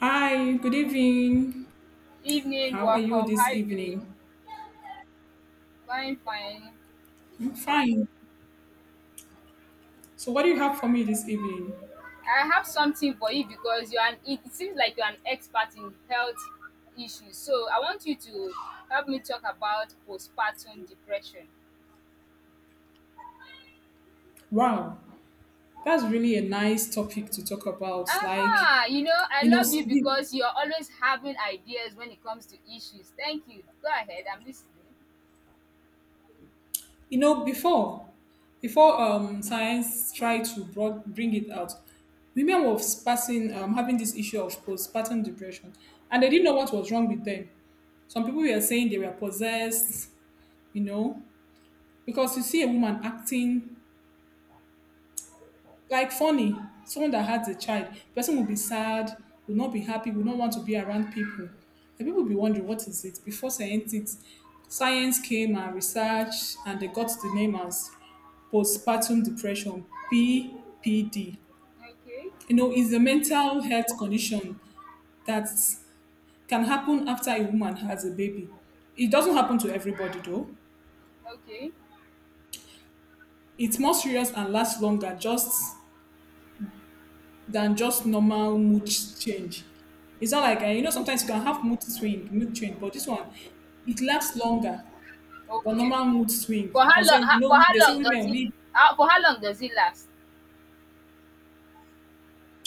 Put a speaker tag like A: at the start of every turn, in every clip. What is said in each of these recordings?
A: Hi, good evening.
B: Evening,
A: How are you
B: welcome. How
A: this
B: you doing?
A: evening?
B: Fine, fine.
A: I'm fine. So, what do you have for me this evening?
B: I have something for you because you are an, it seems like you're an expert in health issues. So I want you to help me talk about postpartum depression.
A: Wow, that's really a nice topic to talk about. Like,
B: Aha, you know, I
A: you know,
B: love you because you're always having ideas when it comes to issues. Thank you. Go ahead, I'm listening.
A: you know, before science tried to bring it out, women were having this issue of postpartum depression, and they didn't know what was wrong with them. Some people were saying they were possessed, you know, because you see a woman acting like funny, someone that has a child, person will be sad, will not be happy, will not want to be around people. And people will be wondering what is it. Science came and research, and they got the name as postpartum depression (PPD).
B: Okay,
A: You know, it's a mental health condition that can happen after a woman has a baby. It doesn't happen to everybody though.
B: okay,
A: It's more serious and lasts longer, just than just normal mood change. It's not like, you know, sometimes you can have mood change, but this one, it lasts longer than
B: okay.
A: normal mood swing.
B: For
A: You
B: how
A: can say,
B: long?
A: you
B: For
A: know,
B: how
A: they say
B: long does
A: women,
B: it?
A: we
B: How, for how long does it last?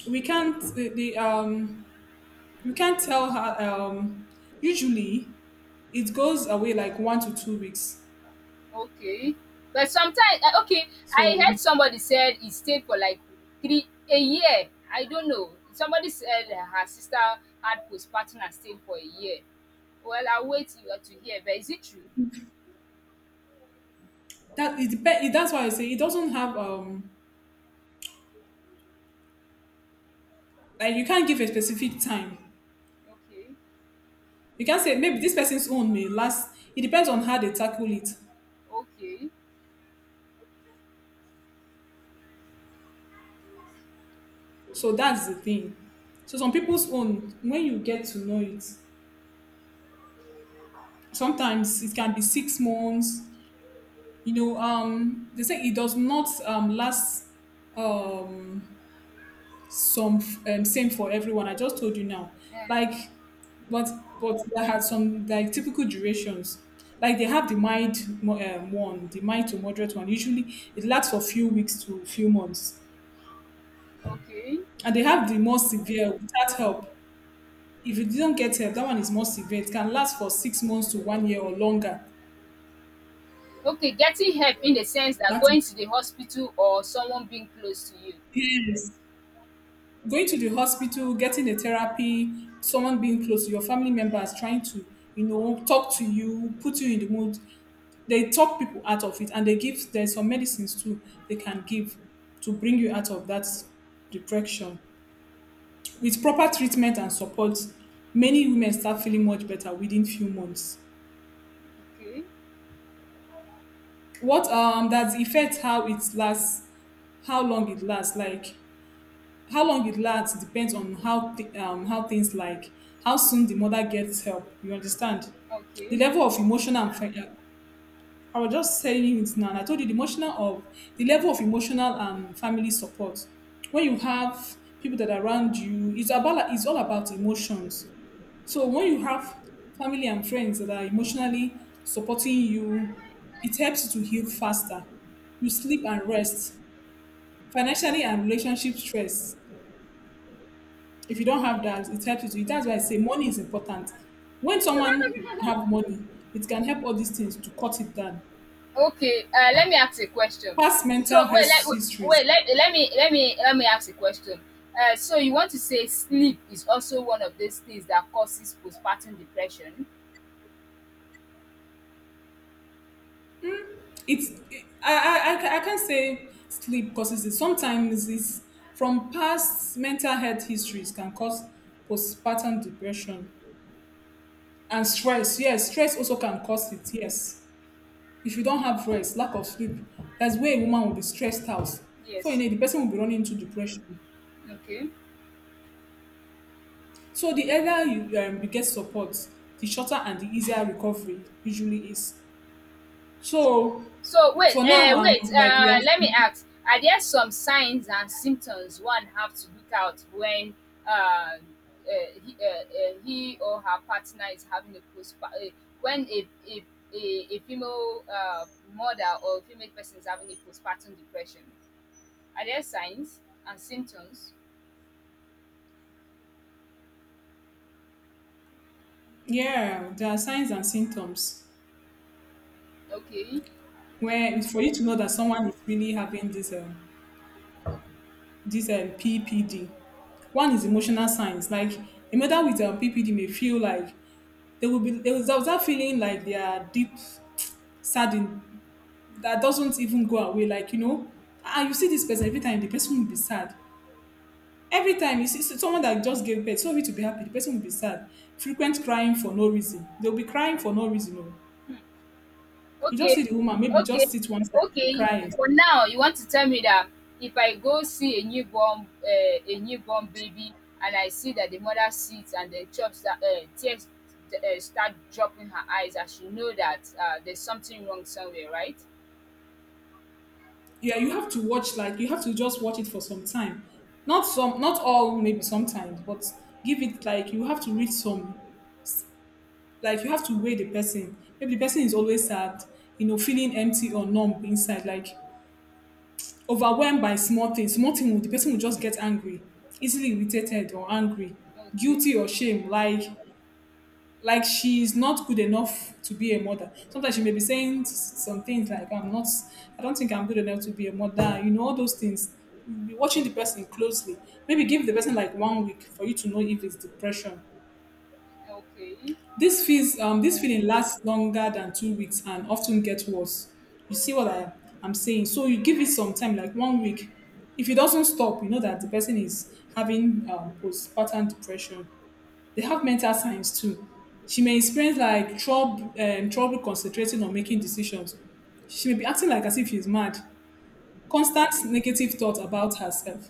A: we can't, the we can't tell her. Usually, it goes away like 1 to 2 weeks.
B: Okay. But sometimes okay, I
A: So
B: heard somebody said he stayed for like three a year. I don't know. Somebody said that her sister had postpartum and stayed for a year. Well, I'll wait to hear, but is it true?
A: that it depends. That's why I say it doesn't have like you can't give a specific time.
B: Okay,
A: You can say maybe this person's own may last. It depends on how they tackle it.
B: okay,
A: So that's the thing. So some people's own, when you get to know it, sometimes it can be 6 months. You know, they say it does not last um, some same for everyone. I just told you now,
B: and
A: like, but but there had some like typical durations. Like they have the mild the mild to moderate one. Usually, it lasts for few weeks to few months,
B: okay,
A: and they have the more severe without help. If you didn't get help, that one is more severe. It can last for 6 months to one year or longer.
B: okay. Getting help in the sense that
A: That is
B: going to the hospital or someone being close to you.
A: yes. Going to the hospital, getting a therapy, someone being close to your family members, trying to, you know, talk to you, put you in the mood. They talk people out of it and they give there's some medicines too they can give to bring you out of that depression. With proper treatment and support, many women start feeling much better within few months.
B: Okay,
A: What that affects how it lasts How long it lasts, like how long it lasts depends on how things like how soon the mother gets help, you understand, the
B: okay.
A: level of emotional and fin- I was just saying it now and I told you the emotional of the level of emotional and family support. When you have people that are around you, it's all about emotions. So when you have family and friends that are emotionally supporting you, it helps you to heal faster. You sleep and rest. Financially and relationship stress. If you don't have that, it helps you. To- That's why I say money is important. When someone have money, it can help all these things to cut it down.
B: Okay, let me ask a question.
A: Past
B: So
A: mental health
B: wait,
A: histories.
B: let, let me let me let me ask a question. So you want to say sleep is also one of those things that causes postpartum depression?
A: It's it, I ca- I can't say sleep causes it. Sometimes it's from past mental health histories can cause postpartum depression and stress. Yes, stress also can cause it. Yes. If you don't have rest, lack of sleep, that's where a woman will be stressed out. Before you
B: Yes.
A: know it, the person will be running into depression.
B: Okay.
A: So the earlier you, you get support, the shorter and the easier recovery usually is. So
B: So wait,
A: for now, I'm like we are,
B: Let me ask: Are there some signs and symptoms one have to look out when uh, uh, he or her partner is having a postpartum? When a female mother or female person is having a postpartum depression, are there signs and symptoms?
A: yeah, there are signs and symptoms
B: Okay.
A: where it's for you to know that someone is really having this this PPD. One is emotional signs. Like a mother with PPD may feel like they will have that feeling like they are deep saddened that doesn't even go away. Like, you know, and you see this person every time, the person will be sad. Every time you see so someone that just gave birth, sorry to be happy, the person will be sad. Frequent crying for no reason. They'll be crying for no reason. Oh. You just
B: Okay,
A: see the woman, maybe
B: okay,
A: just sit one side, and be
B: okay.
A: crying.
B: For now, you want to tell me that if I go see a newborn baby, and I see that the mother sits and the chops that tears start dropping her eyes, I should know that there's something wrong somewhere, right?
A: Yeah, you have to watch, like, you have to just watch it for some time. Not some, not all, maybe sometimes, but give it like you have to read some, like you have to weigh the person. Maybe the person is always sad, you know, feeling empty or numb inside. Like overwhelmed by small things, small thing, the person will just get angry, easily irritated or angry,
B: Okay,
A: guilty or shame, like she's not good enough to be a mother. Sometimes she may be saying some things like, "I'm not, I don't think I'm good enough to be a mother." You know, all those things. You'll be watching the person closely. Maybe give the person like 1 week for you to know if it's depression.
B: okay.
A: This feels this feeling lasts longer than 2 weeks and often gets worse. You see what I'm saying? So you give it some time, like 1 week. If it doesn't stop, you know that the person is having postpartum depression. They have mental signs too. She may experience like trouble concentrating or making decisions. She may be acting like as if she's mad. Constant negative thoughts about herself,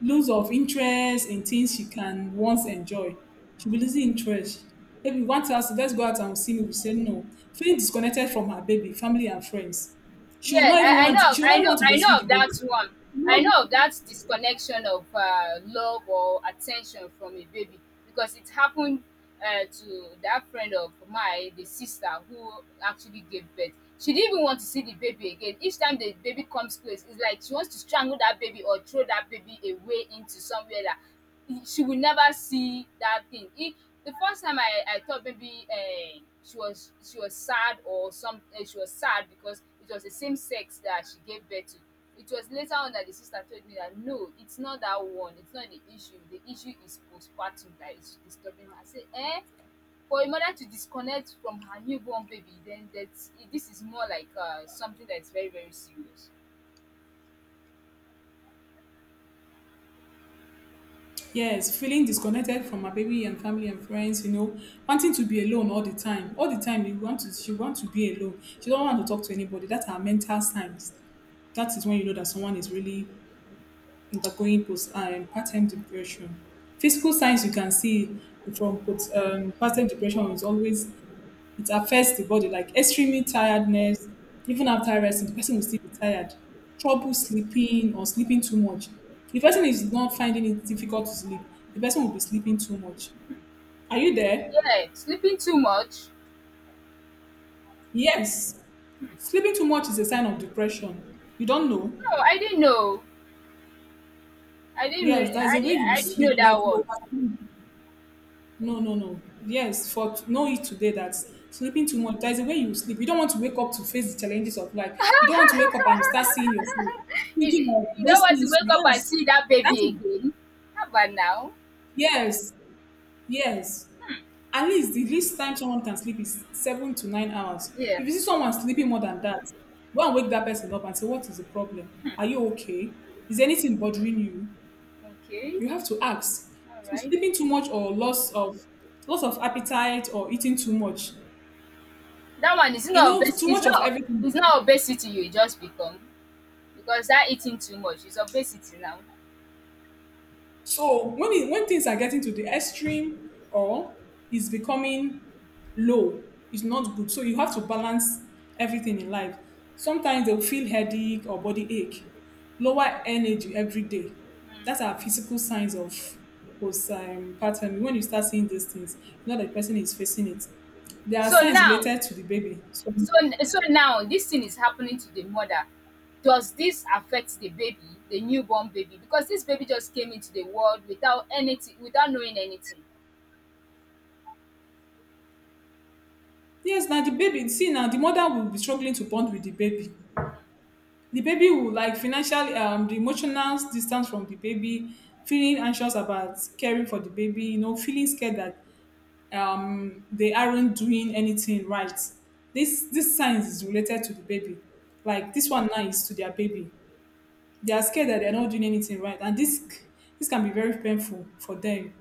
A: lose of interest in things she can once enjoy. She'll be losing interest. Maybe one to us let's go out and see me. We say no. Feeling disconnected from her baby, family and friends.
B: yeah I, I know
A: She will
B: i
A: not
B: know
A: want to
B: i
A: breastfeed
B: know
A: the
B: of
A: baby.
B: that one. I know of that disconnection of love or attention from a baby, because it happened to that friend of mine, the sister who actually gave birth. She didn't even want to see the baby again. Each time the baby comes close, it's like she wants to strangle that baby or throw that baby away into somewhere that she will never see that thing. If the first time, I thought maybe she was sad, or some she was sad because it was the same sex that she gave birth to. It was later on that the sister told me that no, it's not that one. It's not the issue. The issue is postpartum that is disturbing her. I say, eh? For a mother to disconnect from her newborn baby, then that's this is more like something that's very, very serious.
A: Yes, feeling disconnected from her baby and family and friends, you know, wanting to be alone all the time. All the time you want to she want to be alone. She don't want to talk to anybody. That's her mental signs. That is when you know that someone is really undergoing post and part-time depression. Physical signs you can see from part-time depression is always it affects the body like extreme tiredness. Even after resting, the person will still be tired. Trouble sleeping or sleeping too much. If person is not finding it difficult to sleep, the person will be sleeping too much. Are you there?
B: Yeah, sleeping too much.
A: Yes. Sleeping too much is a sign of depression. You don't know?
B: No, I didn't know. I didn't.
A: Yes,
B: Re-
A: there's
B: I
A: a way
B: didn't.
A: you will
B: I didn't know
A: sleep, like
B: that
A: you
B: one.
A: over no, no, no. Yes, for no it today that sleeping too much. There's a way you sleep. You don't want to wake up to face the challenges of life. You don't want to wake up and you start seeing your food.
B: you,
A: Thinking of
B: you don't
A: those
B: want to
A: things.
B: wake up and
A: Yes.
B: see that
A: That's
B: baby
A: it.
B: again. How about now?
A: Yes. Yes. At least the least time someone can sleep is 7 to 9 hours.
B: Yeah.
A: If you see someone sleeping more than that, go and wake that person up and say, what is the problem? Are you okay? Is anything bothering you?
B: Okay.
A: You have to ask.
B: All
A: So
B: right.
A: sleeping too much or loss of appetite or eating too much,
B: That one is
A: you
B: not
A: know,
B: obes-
A: too
B: It's
A: much of
B: not.
A: everything.
B: It's not obesity. You just become, because that eating too much is obesity now.
A: So when things are getting to the extreme or is becoming low, it's not good. So you have to balance everything in life. Sometimes they'll feel headache or body ache, lower energy every day. That's our physical signs of postpartum. When you start seeing these things, you know that the person is facing it. There are
B: So
A: signs
B: now,
A: related to the baby. So
B: so so now, this thing is happening to the mother. Does this affect the baby, the newborn baby? Because this baby just came into the world without anything, without knowing anything.
A: yes, now the baby, see now the mother will be struggling to bond with the baby. The baby will like financially, the emotional distance from the baby, feeling anxious about caring for the baby, you know, feeling scared that they aren't doing anything right. This science is related to the baby. Like this one now is to their baby. They are scared that they're not doing anything right, and this can be very painful for them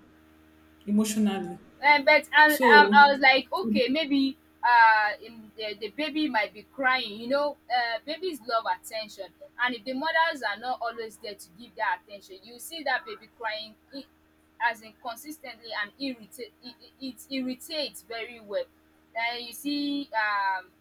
A: emotionally.
B: But and I was
A: So
B: like, okay, maybe the baby might be crying. You know, babies love attention, and if the mothers are not always there to give that attention, you see that baby crying as in, consistently, and irritate it, it irritates very well. Then you see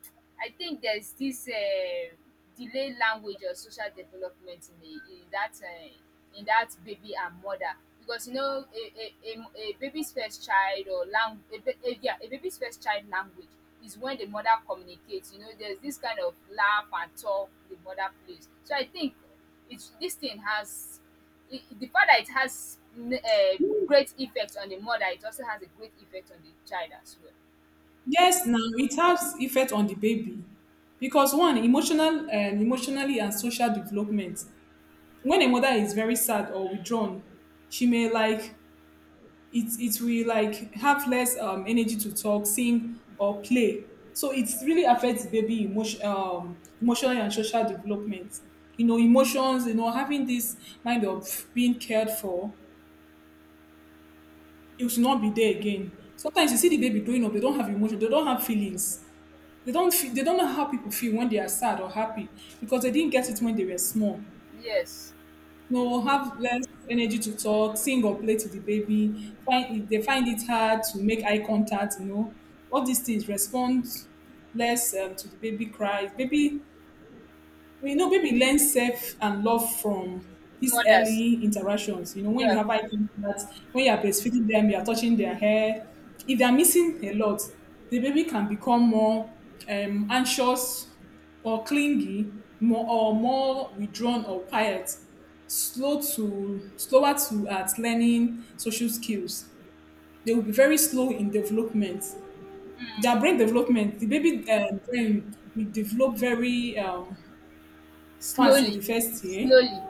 B: I think there's this delay language or social development in a, in that baby and mother. Because you know, a baby's first child or lang a ba a yeah a baby's first child language is when the mother communicates. You know, there's this kind of laugh and talk the mother plays. So I think it's this thing, has I the fact that it has n great effect on the mother, it also has a great effect on the child as well.
A: yes, now it has effect on the baby because one emotional and social development. When a mother is very sad or withdrawn, she may like it will like have less energy to talk, sing or play. So it really affects baby emotional and social development. You know, emotions, you know, having this mind of being cared for, it will not be there again. Sometimes you see the baby growing up, they don't have emotion, they don't have feelings. They don't feel, they don't know how people feel when they are sad or happy because they didn't get it when they were small.
B: Yes,
A: No, have less energy to talk, sing or play to the baby. Find it, they find it hard to make eye contact. All these things respond less to the baby cries. Baby well, baby learn self and love from these
B: mothers.
A: early interactions. You know, when you
B: Yeah.
A: have eye contact, when you are breastfeeding them, you are touching their hair. If they are missing a lot, the baby can become more anxious or clingy, more or more withdrawn or quiet, slower to at learning social skills. They will be very slow in development. Their brain development, the baby brain will develop very fast in
B: Slowly,
A: the first year.
B: slowly,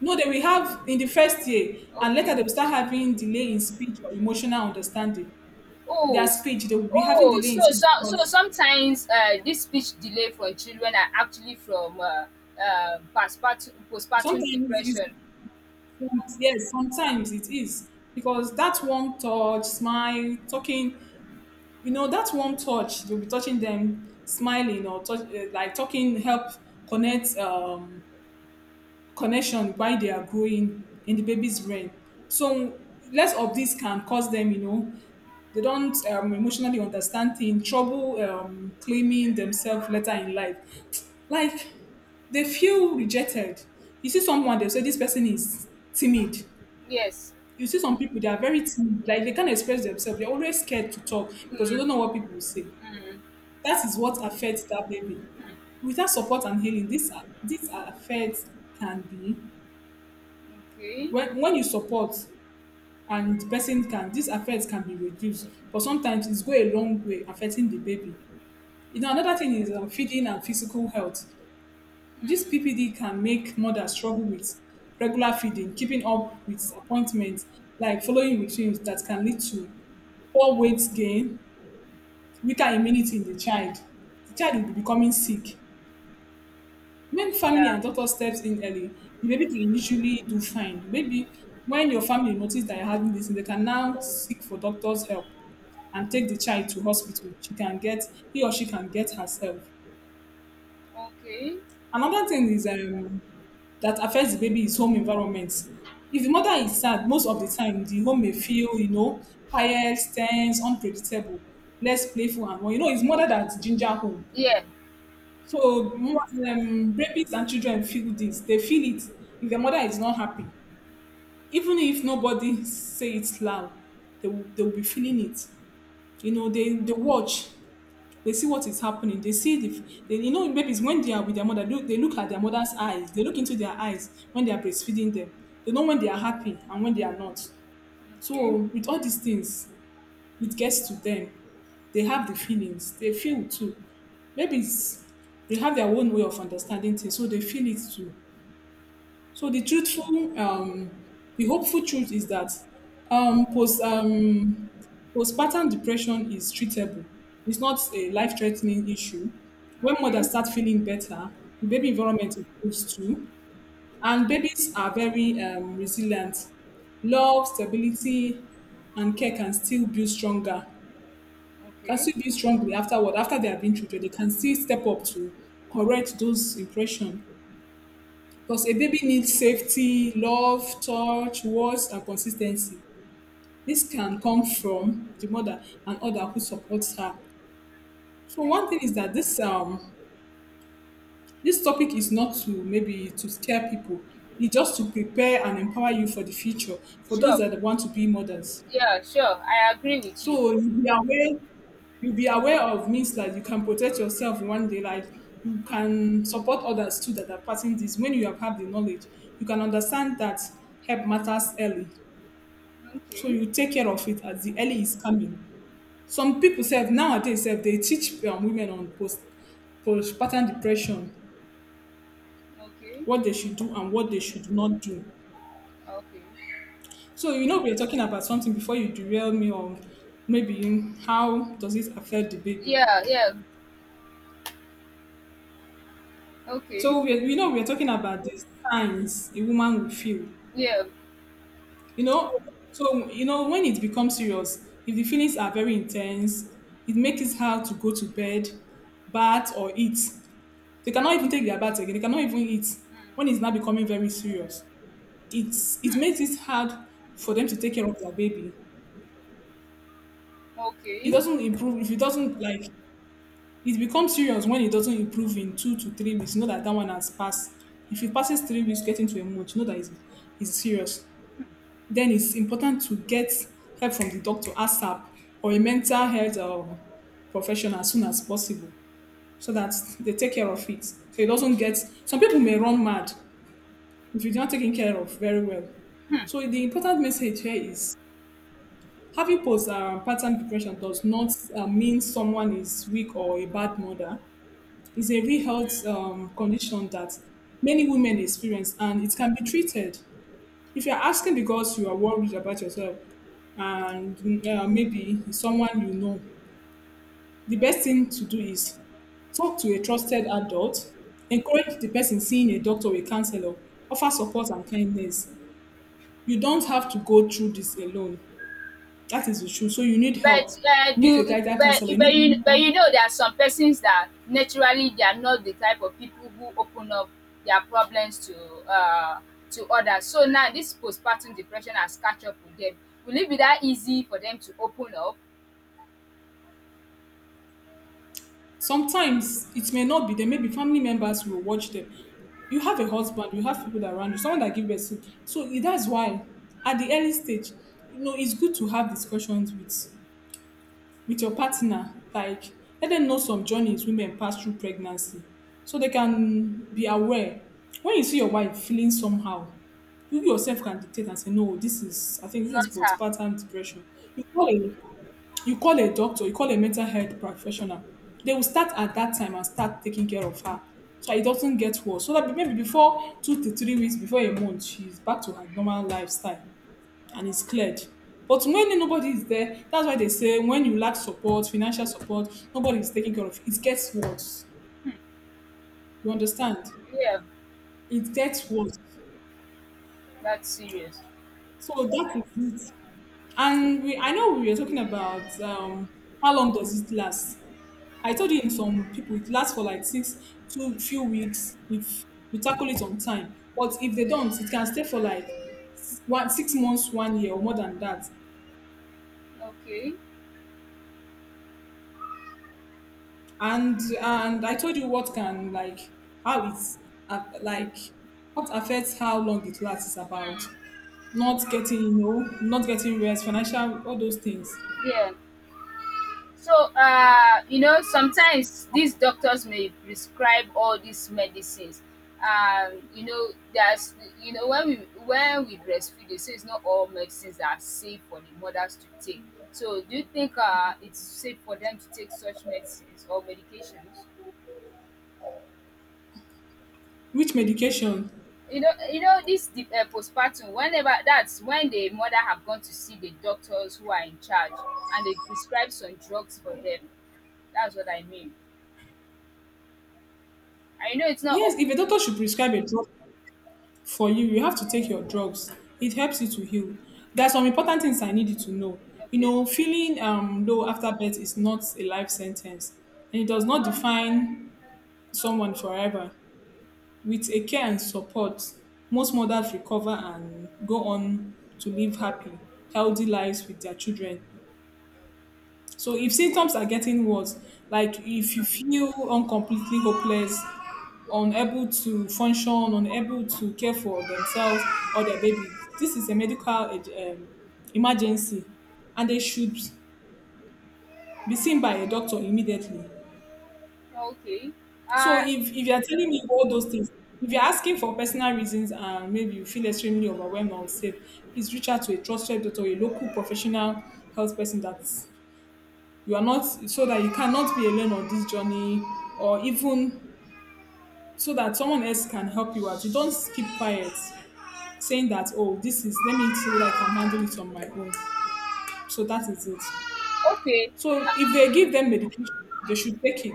A: No, they will have in the first year, and later
B: okay.
A: they will start having delay in speech or emotional understanding. Their
B: Oh, s-
A: speech, they will be having
B: oh,
A: delay
B: so
A: in speech
B: so so
A: because
B: sometimes this speech delay for children are actually from postpartum
A: sometimes it's
B: depression.
A: yes, sometimes it is because that warm touch, smile, talking, that warm touch, you'll be touching them, smiling or touch, like talking, help connect um connection while they are growing in the baby's brain. So less of this can cause them, they don't emotionally understand things, trouble claiming themselves later in life. Like they feel rejected. You see someone, they say this person is timid.
B: Yes.
A: You see some people, they are very timid. Like they can't express themselves. They're always scared to talk because they
B: Mm,
A: don't know what people will say.
B: mm,
A: That is what affects that baby without support and healing, this affects can be
B: okay.
A: when you support and the person can this affect can be reduced, but sometimes it's go a long way affecting the baby. Another thing is feeding and physical health. This ppd can make mothers struggle with regular feeding, keeping up with appointments, like following routines. That can lead to poor weight gain, weaker immunity in the child. The child
B: Yeah.
A: will be becoming sick. When family
B: Yeah.
A: and doctor steps in early, the baby can usually do fine. Maybe when your family notice that you're having this, they can now seek for doctor's help and take the child to hospital. She can get, he or she can get herself.
B: Okay.
A: Another thing is that affects the baby is home environment. If the mother is sad, most of the time the home may feel, quiet, tense, unpredictable, less playful, and well, you know, it's mother that ginger home.
B: Yeah.
A: So mo- rapists and children feel this. They feel it. If their mother is not happy, even if nobody say it loud, they will be feeling it. You know, they watch, they see what is happening. They see the, they, you know, babies when they are with their mother, look, they look at their mother's eyes. They look into their eyes when they are breastfeeding them. They know when they are happy and when they are not.
B: Okay.
A: So with all these things, it gets to them. They have the feelings. They feel too. Maybe it's they have their own way of understanding things, so they feel it too. So the truthful, the hopeful truth is that um, post um, postpartum depression is treatable. It's not a life-threatening issue. When
B: Okay.
A: mothers start feeling better, the baby environment improves too, and babies are very resilient. Love, stability, and care can still build stronger, can
B: Okay.
A: still be strongly afterward, after they have been children, they can still step up to correct those impression. Because a baby needs safety, love, touch, words, and consistency. This can come from the mother and other who supports her. So one thing
B: Okay.
A: is that this this topic is not to maybe to scare people. It's just to prepare and empower you for the future for those
B: Sure.
A: that want to be mothers.
B: Yeah. Sure. I agree with you.
A: So you be aware of means that you can protect yourself one day. Like you can support others too that are passing this. When you have had the knowledge, you can understand that help matters early. So
B: Okay.
A: you take care of it as the early is coming. Some people say nowadays self, they teach women on postpartum depression
B: Okay.
A: what they should do and what they should not do.
B: Okay.
A: So you know we are talking about something before you derail me on maybe how does it affect the baby.
B: Yeah. Yeah.
A: So
B: Okay.
A: we know we're talking about the signs the woman will feel.
B: Yeah.
A: You know, so you know when it becomes serious, if the feelings are very intense, it makes it hard to go to bed, bath or eat. They cannot even take their bath again. They cannot even eat when it's now becoming very serious. It's it
B: Mm.
A: makes it hard for them to take care of their baby. It
B: Okay,
A: doesn't improve if it doesn't like it becomes serious when it doesn't improve in 2 to 3 weeks. You know that that one has passed. If it passes 3 weeks, getting to a month, you know that it's serious. Then it's important to get help from the doctor ASAP or a mental health professional as soon as possible, so that they take care of it. So it doesn't get, some people may run mad if you're not taken care of very well. So the important message here is, having post pattern depression does not mean someone is weak or a bad mother. It's a real health condition that many women experience and it can be treated. If you're asking because you are worried about yourself and maybe someone you know, the best
B: okay.
A: thing to do is talk to a trusted adult, encourage the person seeing a doctor or a counselor, offer support and kindness. You don't have to go through this alone. That is the truth. So you need
B: But
A: help. You need
B: do
A: a guidance counselor. You need.
B: but you know there are some persons that naturally they are not the type of people who open up their problems uh to others. So now this postpartum depression has catch up with them. Will it be that easy for them to open up?
A: Sometimes it may not be there. Maybe family members will watch them. You have a husband, you have people that around you, someone that give birth. To. That's why at the early stage, you know, it's good to have discussions with your partner. Like let them know some journeys women pass through pregnancy, so they can be aware. When you see your wife feeling somehow, you yourself can dictate and say, no, this is I think this is
B: Not her.
A: postpartum depression. You call a you call a doctor, you call a mental health professional, they will start at that time and start taking care of her. So it doesn't get worse. So that maybe before 2 to 3 weeks, before a month, she's back to her normal lifestyle and it's cleared. But when nobody is there, that's why they say when you lack support, financial support, nobody is taking care of you. It gets worse. You understand?
B: Yeah,
A: It gets worse.
B: that's serious.
A: So that is it. And we, I know we were talking about how long does it last? I told you in some people it lasts for like six two few weeks if you tackle it on time. But if they don't, it can stay for like 1 6 months, 1 year, or more than that.
B: Okay.
A: And I told you what can like how it's like what affects how long it lasts is about
B: Mm.
A: not getting, you know, not getting rest, financial, all those things.
B: Yeah. So, you know, sometimes these doctors may prescribe all these medicines. You know, you know, when we breastfeed, they say it's not all medicines that are safe for the mothers to take. So, do you think it's safe for them to take such medicines or medications?
A: Which medication?
B: You know this the, postpartum. Whenever that's when the mother have gone to see the doctors who are in charge, and they prescribe some drugs for them. That's what I mean. I know it's not.
A: Yes,
B: All-
A: if a doctor should prescribe a drug for you, you have to take your drugs. It helps you to heal. There are some important things I need you to know. You
B: Okay.
A: know, feeling low after birth is not a life sentence, and it does not define someone forever. With a care and support, most mothers recover and go on to live happy, healthy lives with their children. So if
B: Okay,
A: symptoms are getting worse, like if you feel uncompletely hopeless, unable to function, unable to care for themselves or their baby, this is a emergency, and they should be seen by a doctor immediately.
B: okay.
A: So
B: Uh,
A: if you're telling me all those things, if you're asking for personal reasons and maybe you feel extremely overwhelmed or safe, please reach out to a trusted doctor, a local professional health person. That's you are not so that you cannot be alone on this journey, or even so that someone else can help you out. You don't keep quiet saying that, oh, this is let me see whether I can handle it on my own. So that is it.
B: okay,
A: So if they give them medication they should take it.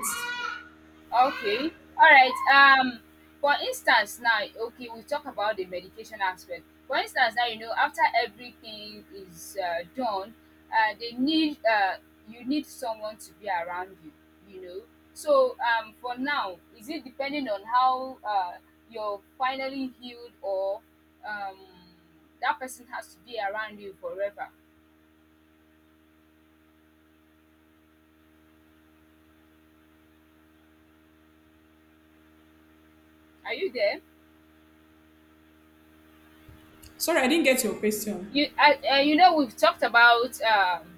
B: okay. All right. For instance, now, okay, we talk about the medication aspect. For instance, now you know after everything is done, they need you need someone to be around you. You know. So for now, is it depending on how you're finally healed, or um that person has to be around you forever? Are you there?
A: Sorry, I didn't get your question.
B: You know, we've talked about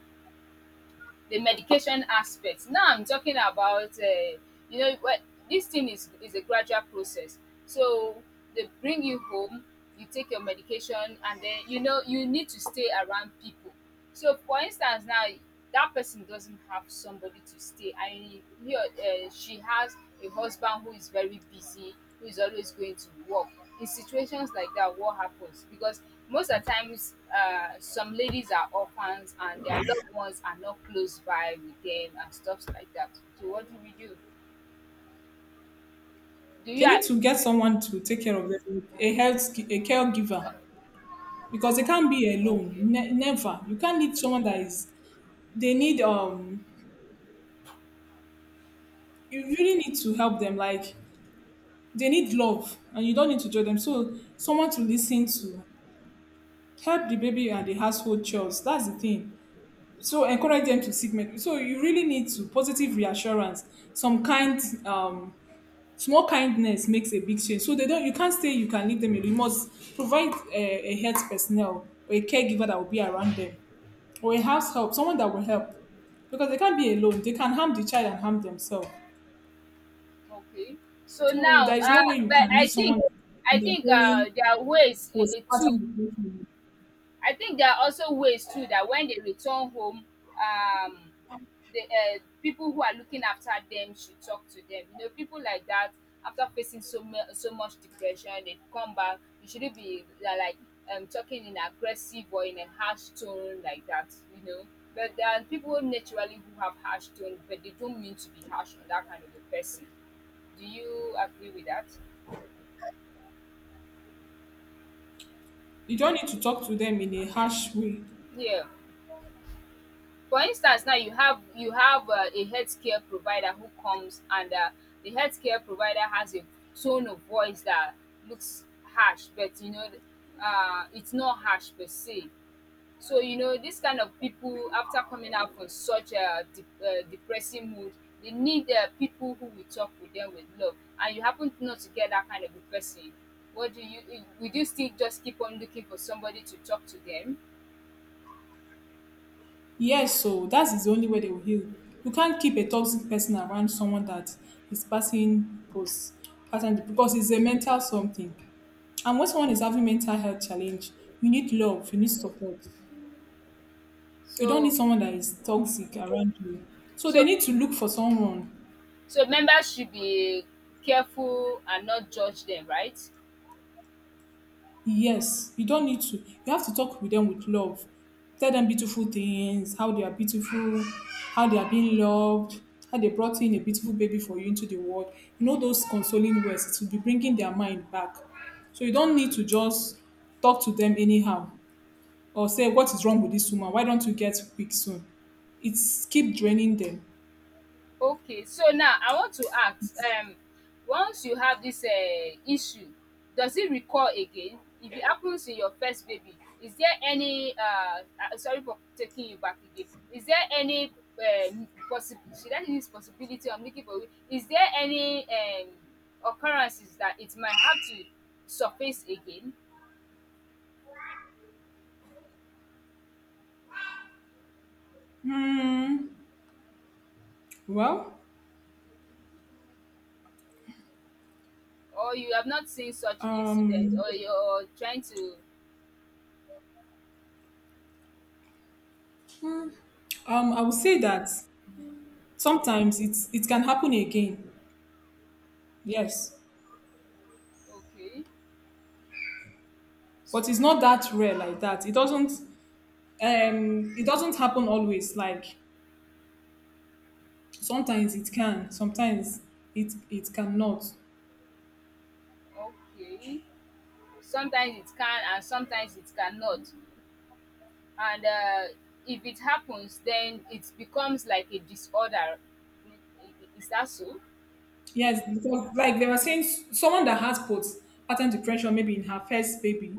B: the medication aspect. Now I'm talking about, you know, what this thing is a gradual process. So they bring you home, you take your medication, and then you know you need to stay around people. So, for instance, now that person doesn't have somebody to stay, and he or she has a husband who is very busy, who is always going to work. In situations like that, what happens? Because most of the times, some ladies are orphans and their loved ones are not close by with them and stuff like that. So, what do we do? Do you?
A: They need to get someone to take care of them, a health, a caregiver, because they can't be alone,
B: Okay,
A: never. You can't, need someone that is, they need you really need to help them. Like they need love and you don't need to judge them. So someone to listen to, help the baby and the household chores. That's the thing. So encourage them to seek medical. So you really need to positive reassurance, some kind, um, small kindness makes a big change. So they don't. You can't say you can leave them alone. You must provide a health personnel or a caregiver that will be around them, or a house help, someone that will help, because they can't be alone. They can harm the child and harm themselves.
B: okay. So
A: So
B: now,
A: there is no way you
B: but
A: can leave someone.
B: I
A: They're
B: think
A: going
B: there are ways too
A: postpartum depression.
B: I think there are also ways too that when they return home, um, the people who are looking after them should talk to them. You know, people like that, after facing so much depression, they come back. You shouldn't be they are like talking in aggressive or in a harsh tone like that. You know, but there are people naturally who have harsh tone, but they don't mean to be harsh on that kind of a person. Do you agree with that?
A: You don't need to talk to them in a harsh way.
B: Yeah. For instance, now you have a healthcare provider who comes, and the healthcare provider has a tone of voice that looks harsh, but you know, it's not harsh per se. So you know, this kind of people, after coming out from such a depressing mood, they need people who will talk with them with love, and you happen to not to get that kind of a person. What do you, would you still just keep on looking for somebody to talk to them?
A: Yes, so that is the only way they will heal. You can't keep a toxic person around someone that is passing because it's a mental something. And when someone is having mental health challenge, you need love, you need support. You don't need
B: so
A: someone that is toxic around you. So they
B: so
A: need to look for someone.
B: So members should be careful and not judge them, right?
A: Yes, you don't need to. You have to talk with them with love. Tell them beautiful things, how they are beautiful, how they are being loved, how they brought in a beautiful baby for you into the world. You know those consoling words, it will be bringing their mind back. So you don't need to just talk to them anyhow or say what is wrong with this woman. Why don't you get quick soon? It's keep draining them.
B: Okay, so now I want to ask, once you have this issue, does it recur again? If it happens in your first baby, is there any sorry for taking you back again. Is there any possi should I use possibility I'm looking for? Is there any occurrences that it might have to surface again,
A: Hmm. Well,
B: or you have not seen such incident,
A: um,
B: or you're trying to?
A: I would say that sometimes it can happen again. Yes,
B: Okay. S-
A: but it's not that rare like that. It doesn't happen always. Like sometimes it can, sometimes it cannot.
B: Okay. Sometimes it can and sometimes it cannot. And if it happens, then it becomes like a disorder. Is that so?
A: Yes, because like they were saying, someone that has post pattern depression, maybe in her first baby,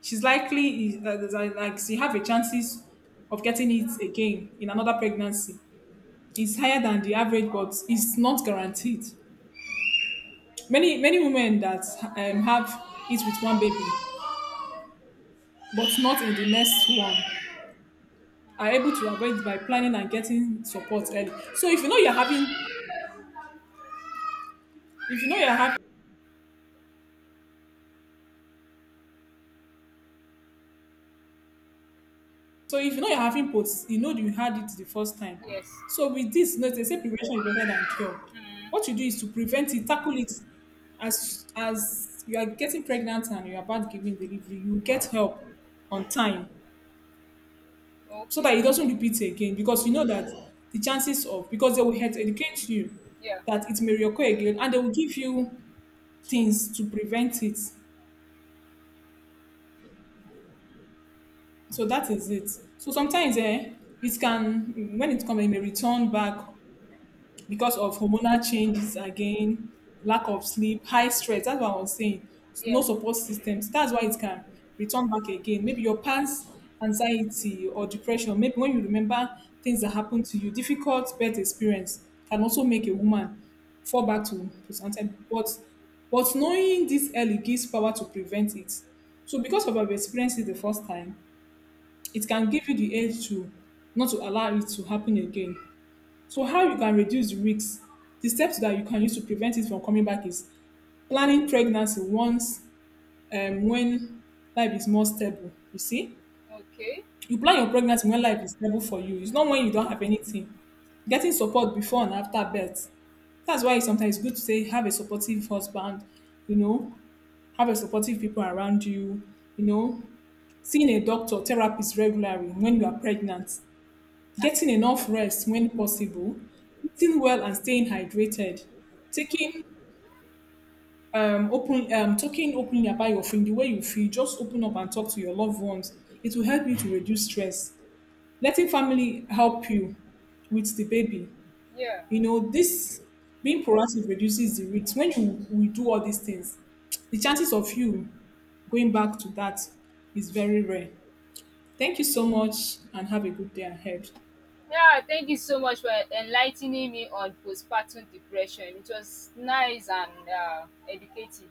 A: she's likely there's a- like she have a chances of getting it again in another pregnancy. It's higher than the average, but it's not guaranteed. Many women that
B: Okay.
A: have it with one baby, but not in the next one, are able to avoid by planning and getting support early. So if you know you're having, if you know you're having, so if you know you're having POTS, you know you had it the first time.
B: Yes.
A: So with this, you know, they say prevention is better than cure.
B: Mm.
A: What you do is to prevent it, tackle it. As you are getting pregnant and you're about giving delivery, you get help on time so that
B: Okay.
A: it doesn't repeat again, because you know that the chances of because they will help educate you
B: Yeah.
A: that it may reoccur again and they will give you things to prevent it. So that is it. So sometimes eh, it can, when it comes, it may return back because of hormonal changes again, lack of sleep, high stress. That's what I was saying. No
B: Yeah.
A: support systems. That's why it can return back again. Maybe your past anxiety or depression, maybe when you remember things that happened to you, difficult birth experience can also make a woman fall back to something. But knowing this early gives power to prevent it. So because of our experience it the first time, it can give you the edge to not to allow it to happen again. So how you can reduce the risks, the steps that you can use to prevent it from coming back is planning pregnancy once when life is more stable. You see,
B: Okay.
A: you plan your pregnancy when life is stable for you. It's not when you don't have anything. Getting support before and after birth. That's why it's sometimes good to say have a supportive husband, you know, have a supportive people around you, you know, seeing a doctor, therapist regularly when you are pregnant. Getting enough rest when possible, eating well and staying hydrated, taking open talking openly about your feeling, the way you feel, just open up and talk to your loved ones. It will help you to reduce stress. Letting family help you with the baby.
B: Yeah.
A: You know, this being proactive reduces the risk. When you we do all these things, the chances of you going back to that is very rare. Thank you so much and have a good day ahead.
B: Yeah. Thank you so much for enlightening me on postpartum depression. It was nice and educative.